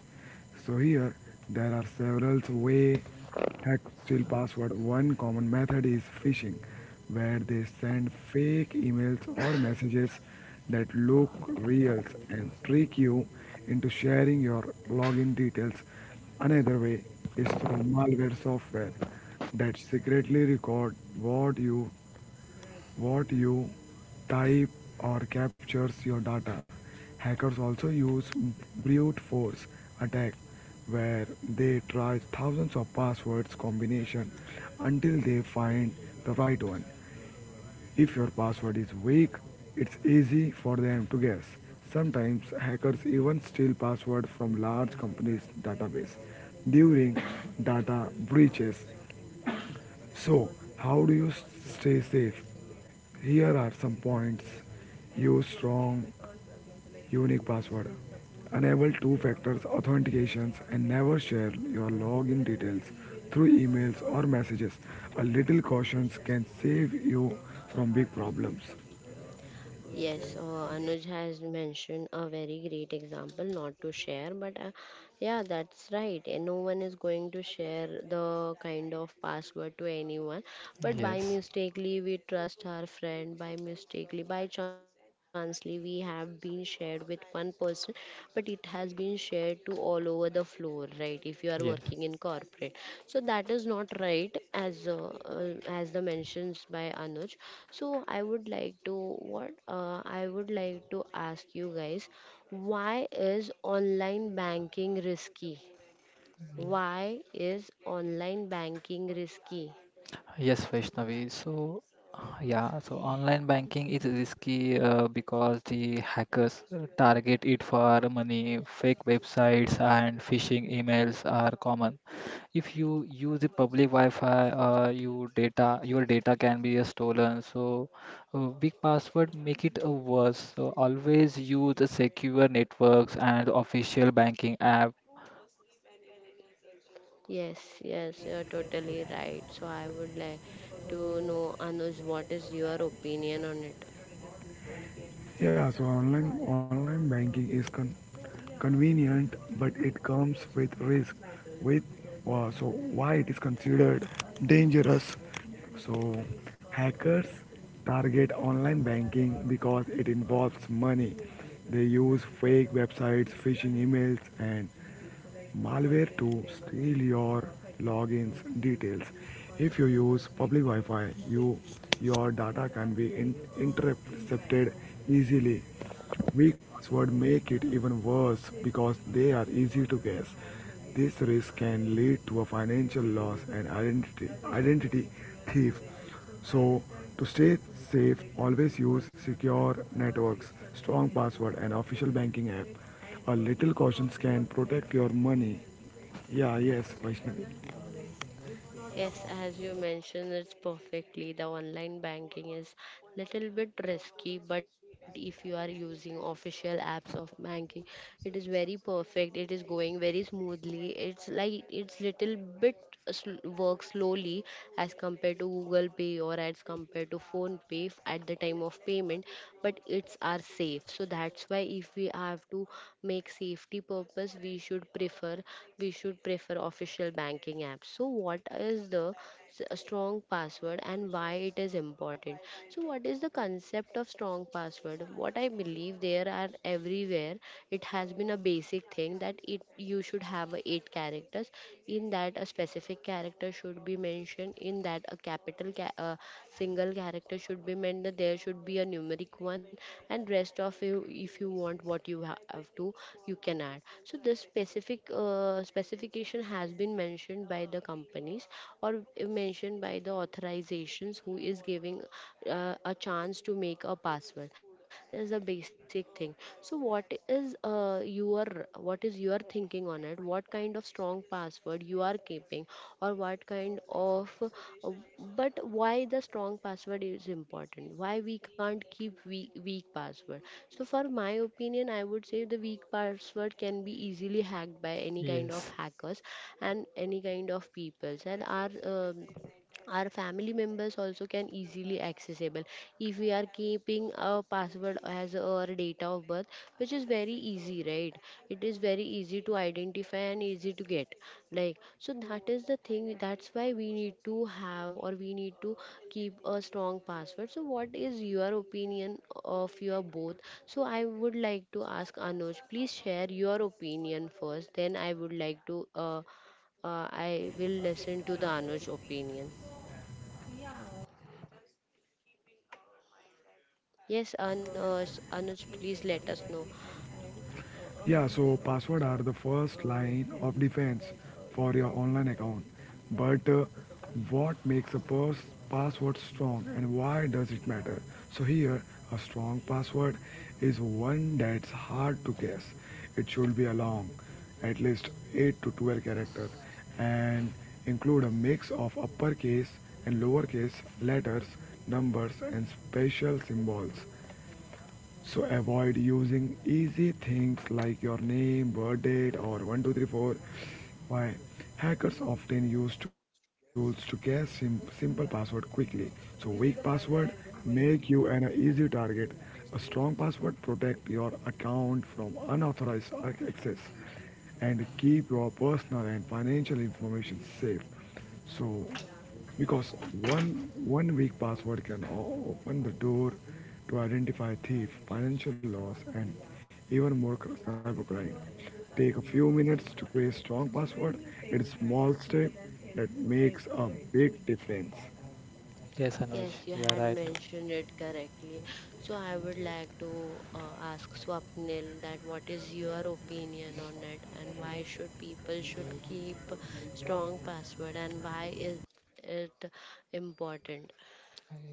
C: So here there are several ways hack steal password. One common method is phishing, where they send fake emails or messages that look real and trick you into sharing your login details. Another way is through malware software that secretly record what you what you type or captures your data. Hackers also use brute force attack where they try thousands of passwords combination until they find the right one. If your password is weak, it's easy for them to guess. Sometimes hackers even steal passwords from large companies' database. During data breaches, so, how do you stay safe? Here are some points. Use strong, unique password. Enable two factor authentications and never share your login details through emails or messages. A little caution can save you from big problems.
A: Yes, uh, Anuj has mentioned a very great example, not to share, but uh, yeah, that's right. And no one is going to share the kind of password to anyone. But by
B: Yes,
A: mistakenly, we trust our friend. By mistakenly, by chancely, we have been shared with one person, but it has been shared to all over the floor, right? If you are working
B: yes.
A: in corporate, so that is not right, as uh, uh, as the mentions by Anuj. So I would like to what uh, I would like to ask you guys, why is online banking risky?
B: Mm.
A: Why is online banking risky?
B: Yes, Vaishnavi. So, yeah, so
A: Yeah.
B: online banking is risky uh, because the hackers uh, target it for money. Fake websites and phishing emails are common. If you use the public Wi-Fi, uh, you data your data can be uh, stolen. So uh, weak password make it uh, worse, so always use the secure networks and official banking app.
A: Yes, yes, you're totally right. So I would like to know, Anuj, what is your opinion on it?
C: Yeah, so online online banking is con- convenient, but it comes with risk. With uh, so why it is considered dangerous? So hackers target online banking because it involves money. They use fake websites, phishing emails, and malware to steal your logins details. If you use public Wi-Fi, you your data can be in, intercepted easily. Weak passwords make it even worse because they are easy to guess. This risk can lead to a financial loss and identity, identity thief. So to stay safe, always use secure networks, strong password and official banking app. A little caution can protect your money. Yeah, yes, Vaishnavi.
A: Yes, as you mentioned, it's perfectly. The online banking is little bit risky, but if you are using official apps of banking, it is very perfect. It is going very smoothly. It's like it's little bit sl- work slowly as compared to Google Pay or as compared to Phone Pay f- at the time of payment, but it's are safe. So that's why if we have to make safety purpose, we should prefer we should prefer official banking apps. So what is the s- a strong password and why it is important? So what is the concept of strong password? What I believe there are everywhere it has been a basic thing that it you should have a eight characters in that a specific character should be mentioned in that a capital ca- uh, single character should be mentioned, there should be a numeric one and rest of you if you want what you ha- have to you can add. So this specific uh, specification has been mentioned by the companies or mentioned by the authorizations who is giving uh, a chance to make a password. That is the basic thing. So what is uh, your what is your thinking on it? What kind of strong password you are keeping, or what kind of uh, but why the strong password is important? Why we can't keep weak, weak password? So for my opinion, I would say the weak password can be easily hacked by any kind of
B: Yes,
A: hackers and any kind of peoples and are um our family members also can easily accessible if we are keeping a password as our date of birth, which is very easy, right? It is very easy to identify and easy to get, like, so that is the thing. That's why we need to have, or we need to keep a strong password. So what is your opinion of your both? So I would like to ask Anuj, please share your opinion first, then I would like to uh, uh, I will listen to the Anuj opinion. Yes, Anuj, Anuj, please let us know.
C: Yeah, so password are the first line of defense for your online account. But uh, what makes a pers- password strong and why does it matter? So here, a strong password is one that's hard to guess. It should be a long, at least eight to twelve character and include a mix of uppercase and lowercase letters, numbers and special symbols. So avoid using easy things like your name, birth date, or one two three four. Why? Hackers often use tools to guess sim- simple password quickly. So weak password make you an easy target. A strong password protect your account from unauthorized ac- access and keep your personal and financial information safe. So, because one one weak password can o- open the door to identify thief, financial loss, and even more cr- cybercrime. Take a few minutes to create strong password. It's small step that makes a big difference.
B: yes, Anuj,
A: Yes, you
B: you are
A: had
B: right.
A: mentioned it correctly. So I would like to uh, ask Swapnil that what is your opinion on it and why should people should keep strong password and why is it important?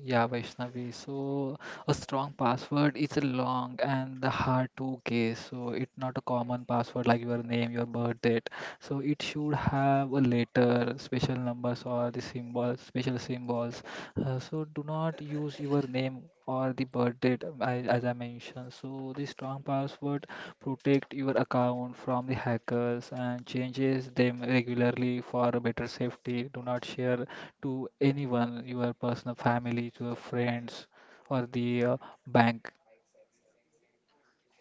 B: Yeah, Vaishnavi. So a strong password is long and hard to guess. So it's not a common password like your name, your birth date. So it should have a letter, special numbers or the symbols, special symbols. Uh, so do not use your name or the birth date um, as I mentioned. So the strong password protect your account from the hackers and changes them regularly for better safety. Do not share to anyone, your personal family, to your friends, or the uh, bank.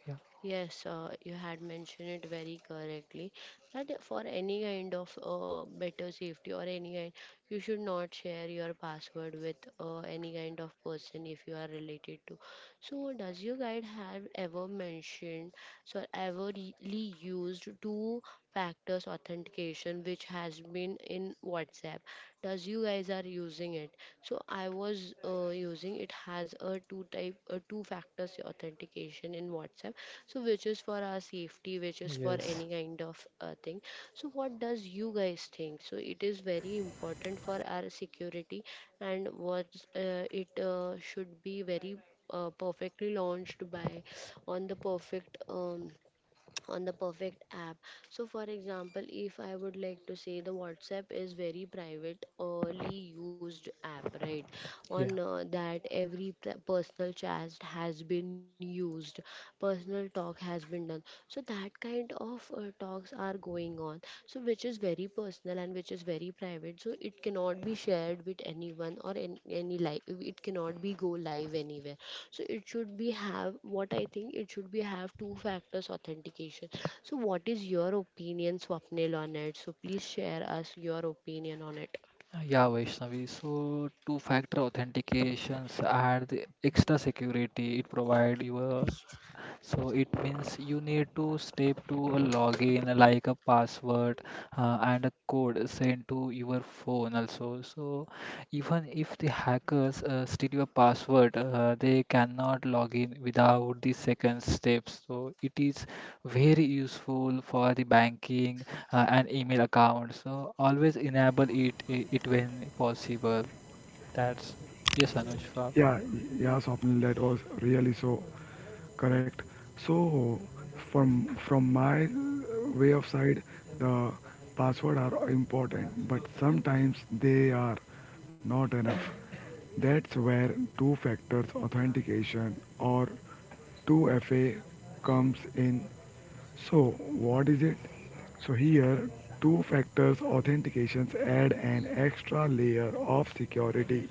B: Yeah.
A: Yes, uh, you had mentioned it very correctly that for any kind of uh, better safety or any kind, you should not share your password with uh, any kind of person if you are related to. So, does your guide have ever mentioned, so ever really used two factors authentication which has been in WhatsApp? Does you guys are using it? So, I was uh, using it has a two type, a two factors authentication in WhatsApp, so which is for our safety, which is for
B: Yes.
A: any kind of uh, thing. So what does you guys think? So it is very important for our security, and what uh, it uh, should be very uh, perfectly launched by on the perfect um, on the perfect app. So for example, if I would like to say, the WhatsApp is very private only used app, right? On
B: Yeah.
A: uh, that every p- personal chat has been used, personal talk has been done. So that kind of uh, talks are going on, so which is very personal and which is very private, so it cannot be shared with anyone, or in any live it cannot be go live anywhere. So it should be have, what I think, it should be have two factors authentication. So what is your opinion, Swapnil, on it? So please share us your opinion on it.
B: Uh, Yeah, Vaishnavi. So two-factor authentications add the extra security. It provide your So it means you need to step to a login like a password uh, and a code sent to your phone also. So even if the hackers uh, steal your password, uh, they cannot log in without the second step. So it is very useful for the banking uh, and email account. So always enable it it when possible. That's yes, Anushka.
C: Yeah, yeah, Swapnil, that was really so correct. So, from from my way of side, the password are important, but sometimes they are not enough. That's where two factors authentication or two F A comes in. So, what is it? So, here, two factors authentications add an extra layer of security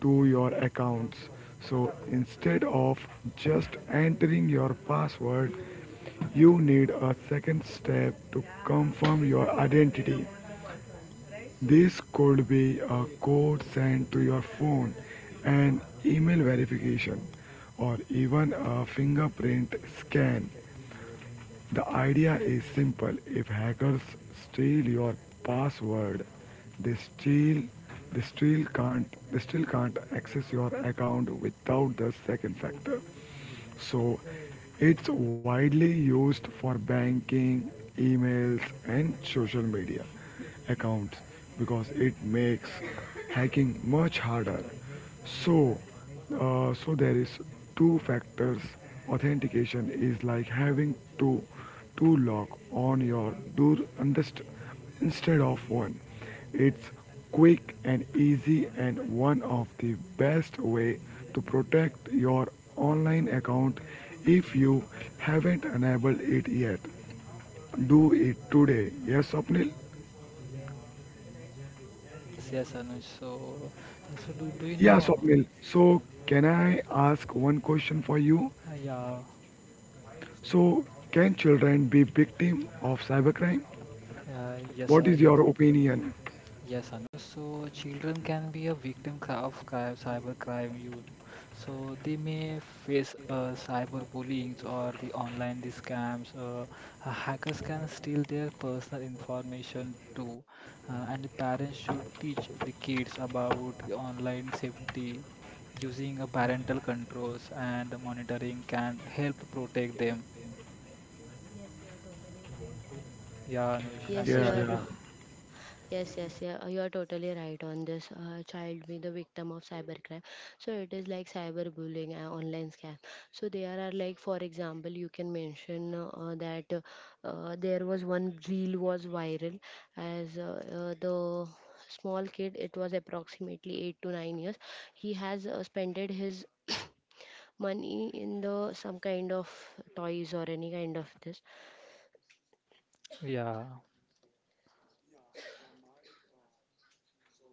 C: to your accounts. So instead of just entering your password, you need a second step to confirm your identity. This could be a code sent to your phone, an email verification, or even a fingerprint scan. The idea is simple. If hackers steal your password, they steal they still can't they still can't access your account without the second factor. So it's widely used for banking, emails, and social media accounts because it makes hacking much harder. So, uh, so there is two factors. Authentication is like having two, two lock on your door underst- instead of one. It's quick and easy and one of the best way to protect your online account if you haven't enabled it yet. Do it today. Yes, Swapnil?
B: Yes, yes, Anush. So, uh, so do, do you
C: Yeah,
B: know?
C: Swapnil. So, can I ask one question for you?
B: Uh, Yeah,
C: So, can children be victim of cybercrime?
B: uh, yes,
C: What
B: uh,
C: is
B: yes,
C: your opinion?
B: yes, Anuj. So children can be a victim cri- of crime, cyber crime. You, so they may face uh, cyber bullying or the online the scams. Uh, uh, hackers can steal their personal information too, uh, and the parents should teach the kids about the online safety. Using a parental controls and the monitoring can help protect them. Yeah, Anuj and
C: Yeah,
A: Yes,
C: yeah.
A: your.
B: Vaishnavi.
A: Yes, yes, yeah, uh, you are totally right on this. Uh, child being the victim of cybercrime, so it is like cyberbullying, uh, online scam. So there are like, for example, you can mention uh, that uh, uh, there was one reel was viral as uh, uh, the small kid. It was approximately eight to nine years. He has uh, spended his money in the some kind of toys or any kind of this.
B: Yeah,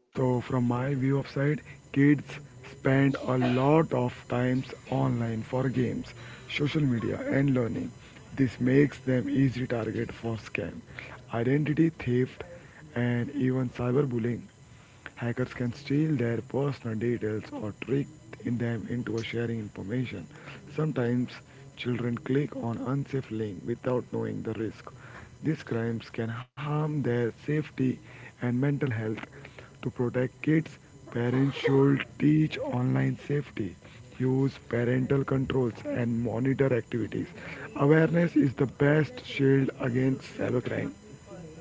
C: So from my view of side, kids spend a lot of times online for games, social media and learning. This makes them easy target for scam, identity theft and even cyberbullying. Hackers can steal their personal details or trick in them into sharing information. Sometimes children click on unsafe link without knowing the risk. These crimes can harm their safety and mental health. To protect kids, parents should teach online safety, use parental controls, and monitor activities. Awareness is the best shield against cybercrime.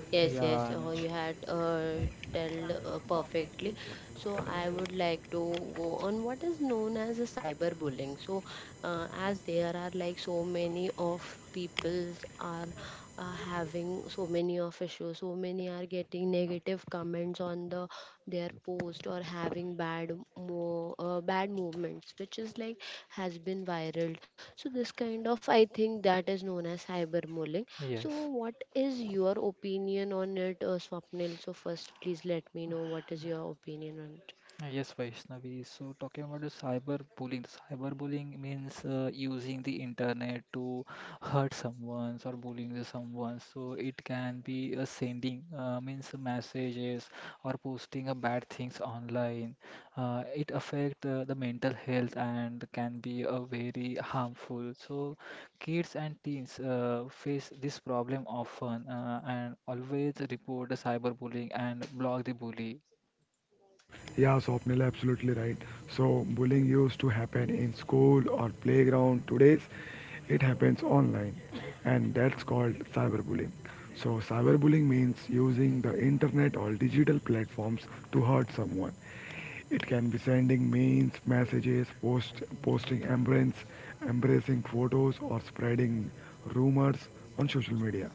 A: Yes, yes,
B: yeah,
A: uh,
B: Anuj.
A: you had uh, tell uh, perfectly. So I would like to go on what is known as a cyberbullying. So uh, as there are like so many of peoples are uh, having so many of issues, so many are getting negative comments on the their post or having bad mo uh, bad movements, which is like has been viral. So this kind of, I think, that is known as cyberbullying. So
B: Yes,
A: what is your opinion on it, uh, Swapnil? So, first, please let me know what is your opinion on it.
B: Uh, yes, Vaishnavi. So, talking about the cyberbullying, cyberbullying means uh, using the internet to hurt someone or bullying the someone. So, it can be uh, sending uh, means messages or posting a bad things online. Uh, it affect uh, the mental health and can be a very harmful. So, kids and teens uh, face this problem often uh, and always report the cyberbullying and block the bully.
C: Yeah, Swapnil, absolutely right. So, bullying used to happen in school or playground. Today's, it happens online, and that's called cyberbullying. So, cyberbullying means using the internet or digital platforms to hurt someone. It can be sending memes, messages, post, posting embrace, embracing photos, or spreading rumors on social media.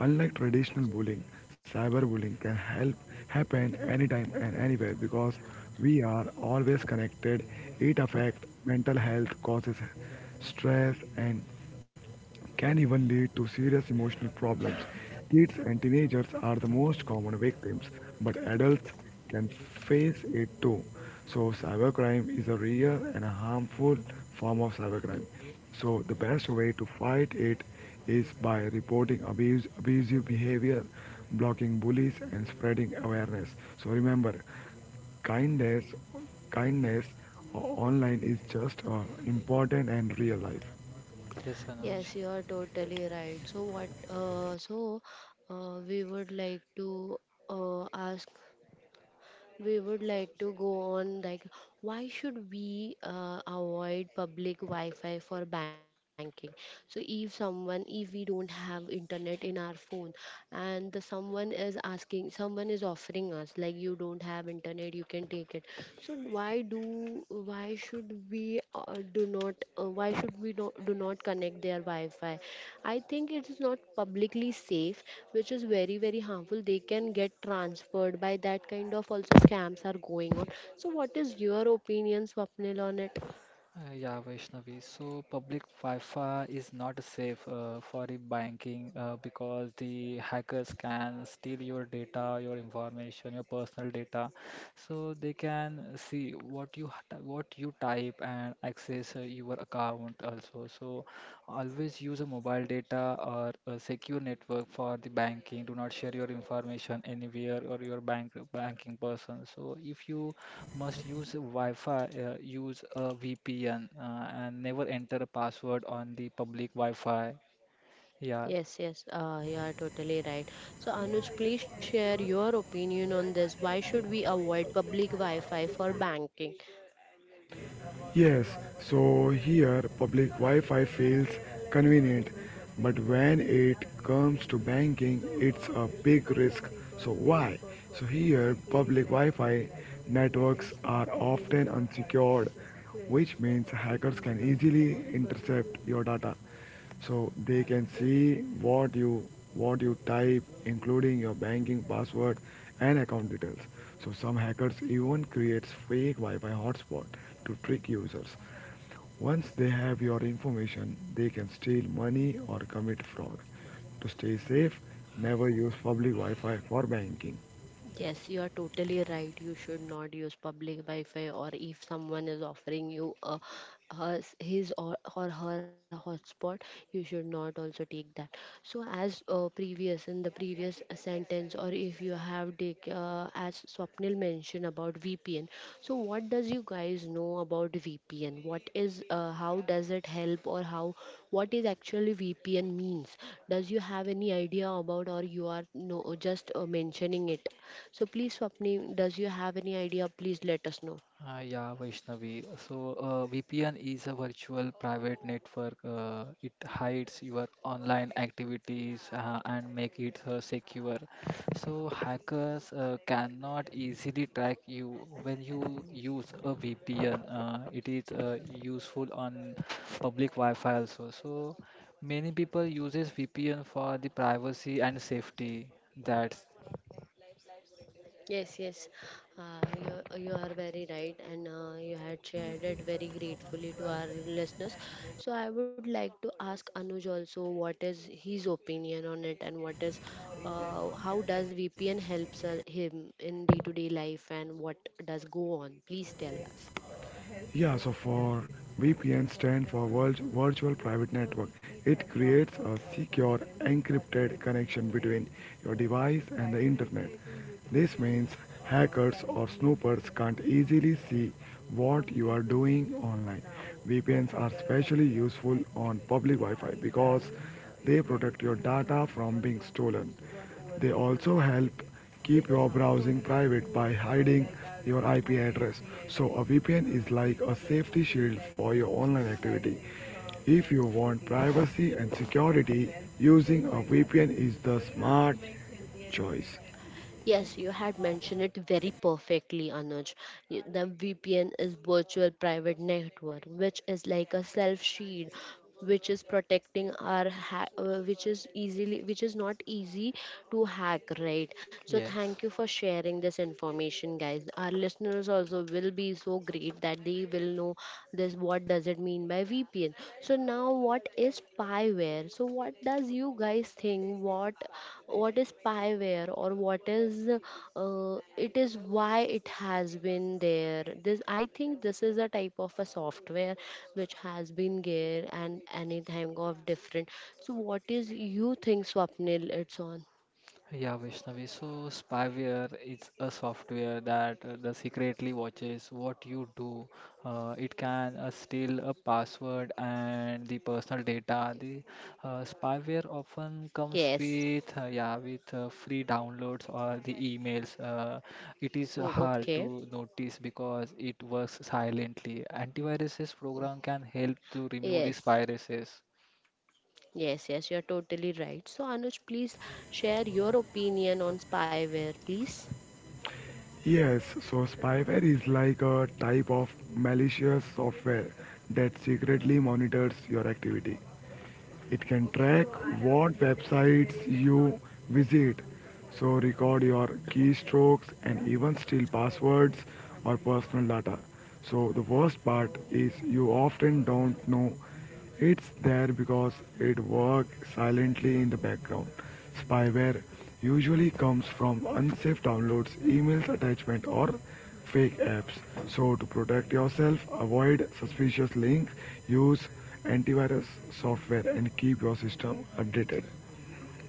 C: Unlike traditional bullying, cyberbullying can help happen anytime and anywhere because we are always connected. It affects mental health, causes stress and can even lead to serious emotional problems. Kids and teenagers are the most common victims, but adults can face it too. So, cybercrime is a real and a harmful form of cybercrime. So, the best way to fight it is by reporting abuse, abusive behavior, blocking bullies, and spreading awareness. So, remember, kindness, kindness uh, online is just uh, important and real life.
B: Yes, Anuj.
A: Yes, you are totally right. So, what? Uh, so, uh, we would like to uh, ask, we would like to go on like, why should we uh, avoid public Wi-Fi for banking? So if someone, if we don't have internet in our phone, and the someone is asking, someone is offering us like, you don't have internet, you can take it. So why do, why should we uh, do not, uh, why should we do, do not connect their Wi-Fi? I think it is not publicly safe, which is very very harmful. They can get transferred by that, kind of also scams are going on. So what is your opinion, Swapnil, on it?
B: Uh, yeah, Vaishnavi. So public Wi-Fi is not safe uh, for the banking uh, because the hackers can steal your data, your information, your personal data. So they can see what you ha- ty- what you type and access uh, your account also. So always use a mobile data or a secure network for the banking. Do not share your information anywhere or your bank banking person. So if you must use a Wi-Fi, uh, use a V P N, uh, and never enter a password on the public Wi-Fi. Yeah,
A: Yes, yes, uh, you are totally right. So Anuj, please share your opinion on this, why should we avoid public Wi-Fi for banking.
C: Yes, so here public Wi-Fi feels convenient, but when it comes to banking, it's a big risk. So why? So here public Wi-Fi networks are often unsecured, which means hackers can easily intercept your data, so they can see what you what you type, including your banking password and account details. So some hackers even creates fake Wi-Fi hotspot to trick users. Once they have your information, they can steal money or commit fraud. To stay safe, never use public Wi-Fi for banking.
A: Yes, you are totally right. You should not use public Wi-Fi, or if someone is offering you a, hers his, or, or her hotspot, you should not also take that. So, as uh, previous in the previous sentence, or if you have take uh, as Swapnil mentioned about V P N. So, what does you guys know about V P N? What is uh, how does it help, or how what is actually V P N means? Does you have any idea about, or you are no just uh, mentioning it? So please, Swapni, does you have any idea? Please let us know.
B: Uh, yeah, Vaishnavi. So, uh, V P N is a virtual private network. Uh, it hides your online activities uh, and make it uh, secure. So, hackers uh, cannot easily track you when you use a V P N. Uh, it is uh, useful on public Wi-Fi also. So, many people uses V P N for the privacy and safety. That's
A: Yes, yes. Uh, you, you are very right, and uh, you had shared it very gratefully to our listeners. So, I would like to ask Anuj also what is his opinion on it, and what is uh, how does V P N helps uh, him in day to day life, and what does go on? Please tell us.
C: Yeah, so for V P N stand for Vir- Virtual Private Network. It creates a secure encrypted connection between your device and the internet. This means hackers or snoopers can't easily see what you are doing online. V P Ns are especially useful on public Wi-Fi because they protect your data from being stolen. They also help keep your browsing private by hiding your I P address. So a V P N is like a safety shield for your online activity. If you want privacy and security, using a V P N is the smart choice.
A: Yes, you had mentioned it very perfectly, Anuj. Y- The V P N is virtual private network, which is like a self shield, which is protecting our, ha- uh, which is easily, which is not easy to hack, right? So thank you
B: yes.
A: for sharing this information, guys. Our listeners also will be so great that they will know this. What does it mean by V P N? So now, what is spyware? So what does you guys think? What what is spyware, or what is uh, it is, why it has been there? This, I think, this is a type of a software which has been there and any time of different. So what is you think, Swapnil, it's on?
B: Yeah, Vaishnavi. So spyware is a software that uh, the secretly watches what you do. Uh, it can uh, steal a password and the personal data. The uh, spyware often comes
A: Yes.
B: with uh, yeah with uh, free downloads or the emails. Uh, it is
A: Mm,
B: hard
A: okay.
B: to notice because it works silently. Antiviruses program can help to remove these
A: Yes,
B: viruses.
A: yes, yes, you're totally right. So Anuj, please share your opinion on spyware, please.
C: Yes, so spyware is like a type of malicious software that secretly monitors your activity. It can track what websites you visit, so record your keystrokes and even steal passwords or personal data. So the worst part is you often don't know it's there because it works silently in the background. Spyware usually comes from unsafe downloads, emails, attachment or fake apps. So to protect yourself, avoid suspicious links, use antivirus software and keep your system updated.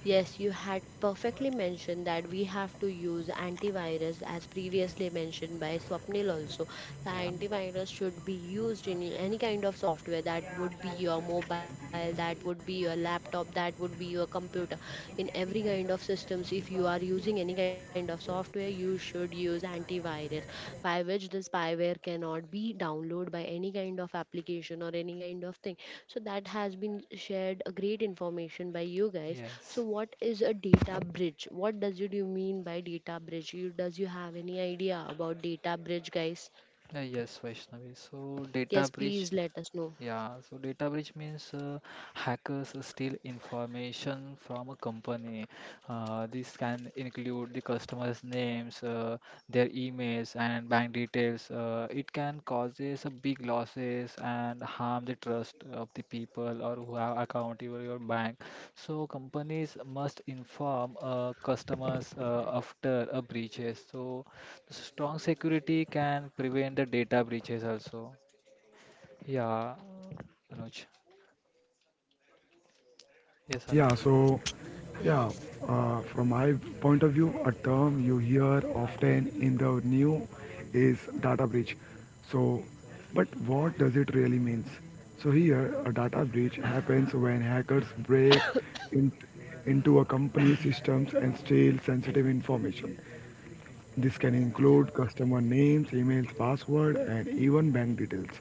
A: Yes, you had perfectly mentioned that we have to use antivirus, as previously mentioned by Swapnil also. The
B: Yeah.
A: antivirus should be used in any kind of software, that would be your mobile, that would be your laptop, that would be your computer. In every kind of systems, if you are using any kind of software, you should use antivirus, by which the spyware cannot be downloaded by any kind of application or any kind of thing. So that has been shared a great information by you guys. So
B: Yes.
A: what is a data bridge? What does it you mean by data bridge? You, does you have any idea about data bridge, guys?
B: Uh, yes, Vaishnavi. So data
A: Yes,
B: breach
A: please let us know.
B: Yeah, so data breach means uh, hackers steal information from a company. Uh, this can include the customer's names, uh, their emails, and bank details. Uh, it can causes a big losses and harm the trust of the people or who have account over your bank. So companies must inform uh, customers uh, after a breaches. So strong security can prevent the data breaches also. Yeah, Anuj. Yes,
C: Yeah,
B: Anuj.
C: so
A: Yes.
C: yeah, uh, from my point of view, a term you hear often in the new is data breach. So, but what does it really means? So here, a data breach happens when hackers break in, into a company's systems and steal sensitive information. This can include customer names, emails, password, and even bank details.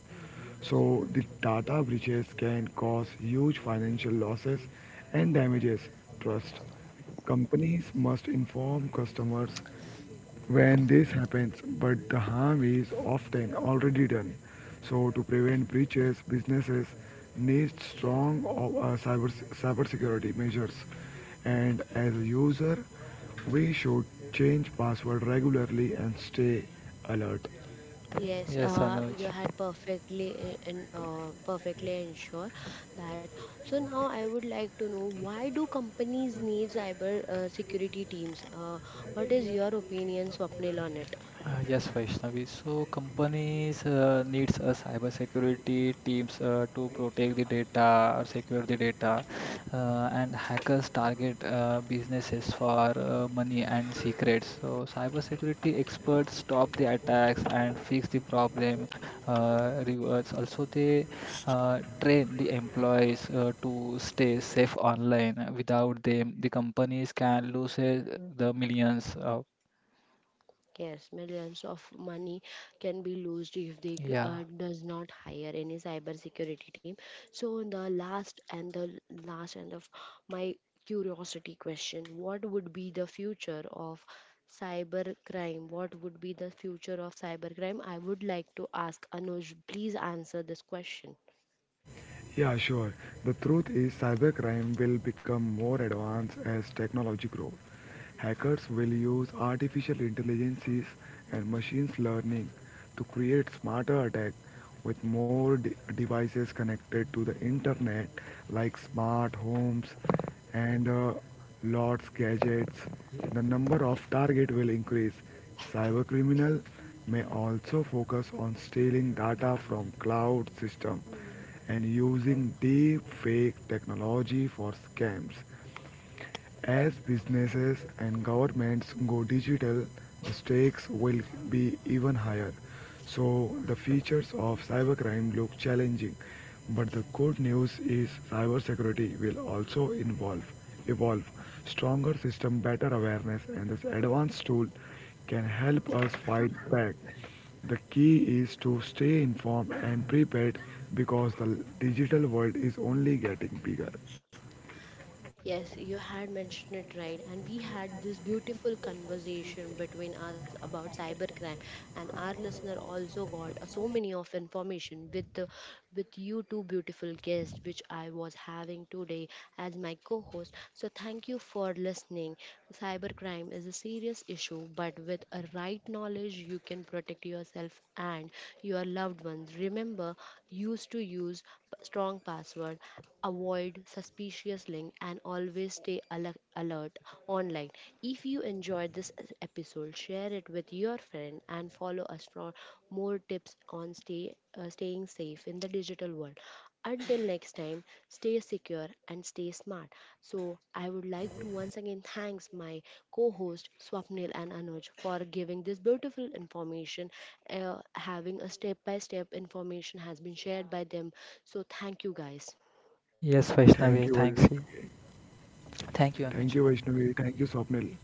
C: So the data breaches can cause huge financial losses and damages trust. Companies must inform customers when this happens, but the harm is often already done. So to prevent breaches, businesses need strong uh, cyber cybersecurity measures. And as a user, we should change password regularly and stay alert.
A: Yes,
B: Yes,
A: uh, you
B: Anuj.
A: had perfectly and uh, perfectly ensure that. So now I would like to know, why do companies need cyber uh, security teams? Uh, what is your opinion, Swapnil, on it?
B: Uh, yes, Vaishnavi. So companies uh, needs a cybersecurity teams uh, to protect the data or secure the data, uh, and hackers target uh, businesses for uh, money and secrets. So cybersecurity experts stop the attacks and fix the problem. Uh, reverse. Also, they uh, train the employees uh, to stay safe online. Without them, the companies can lose uh, the millions. Uh,
A: Yes, millions of money can be lost if they g- uh,
B: yeah.
A: does not hire any cybersecurity team. So the last and the last and of my curiosity question: what would be the future of cyber crime? What would be the future of cyber crime? I would like to ask Anuj. Please answer this question.
C: Yeah, sure. The truth is, cybercrime will become more advanced as technology grows. Hackers will use artificial intelligences and machines learning to create smarter attacks with more de- devices connected to the internet, like smart homes and uh, lots gadgets. The number of target will increase. Cybercriminal may also focus on stealing data from cloud system and using deep fake technology for scams. As businesses and governments go digital, the stakes will be even higher. So, the features of cybercrime look challenging, but the good news is cybersecurity will also involve evolve stronger system, better awareness, and this advanced tool can help us fight back. The key is to stay informed and prepared because the digital world is only getting bigger.
A: Yes, you had mentioned it right, and we had this beautiful conversation between us about cybercrime, and our listener also got uh, so many of information with the with you two beautiful guests which I was having today as my co-host. So thank you for listening. Cybercrime is a serious issue, but with a right knowledge, you can protect yourself and your loved ones. Remember, used to use p- strong password, avoid suspicious link, and always stay ale- alert online. If you enjoyed this episode, share it with your friend and follow us for more tips on stay uh, staying safe in the digital world. Until next time, stay secure and stay smart. So I would like to once again thanks my co-host Swapnil and Anuj for giving this beautiful information. Uh, having a step by step information has been shared by them. So thank you guys.
B: Yes, Vaishnavi,
C: Thank you,
B: thanks you.
C: Vaishnavi.
B: Thank you,
C: thank
B: Anuj.
C: You Vaishnavi thank you Swapnil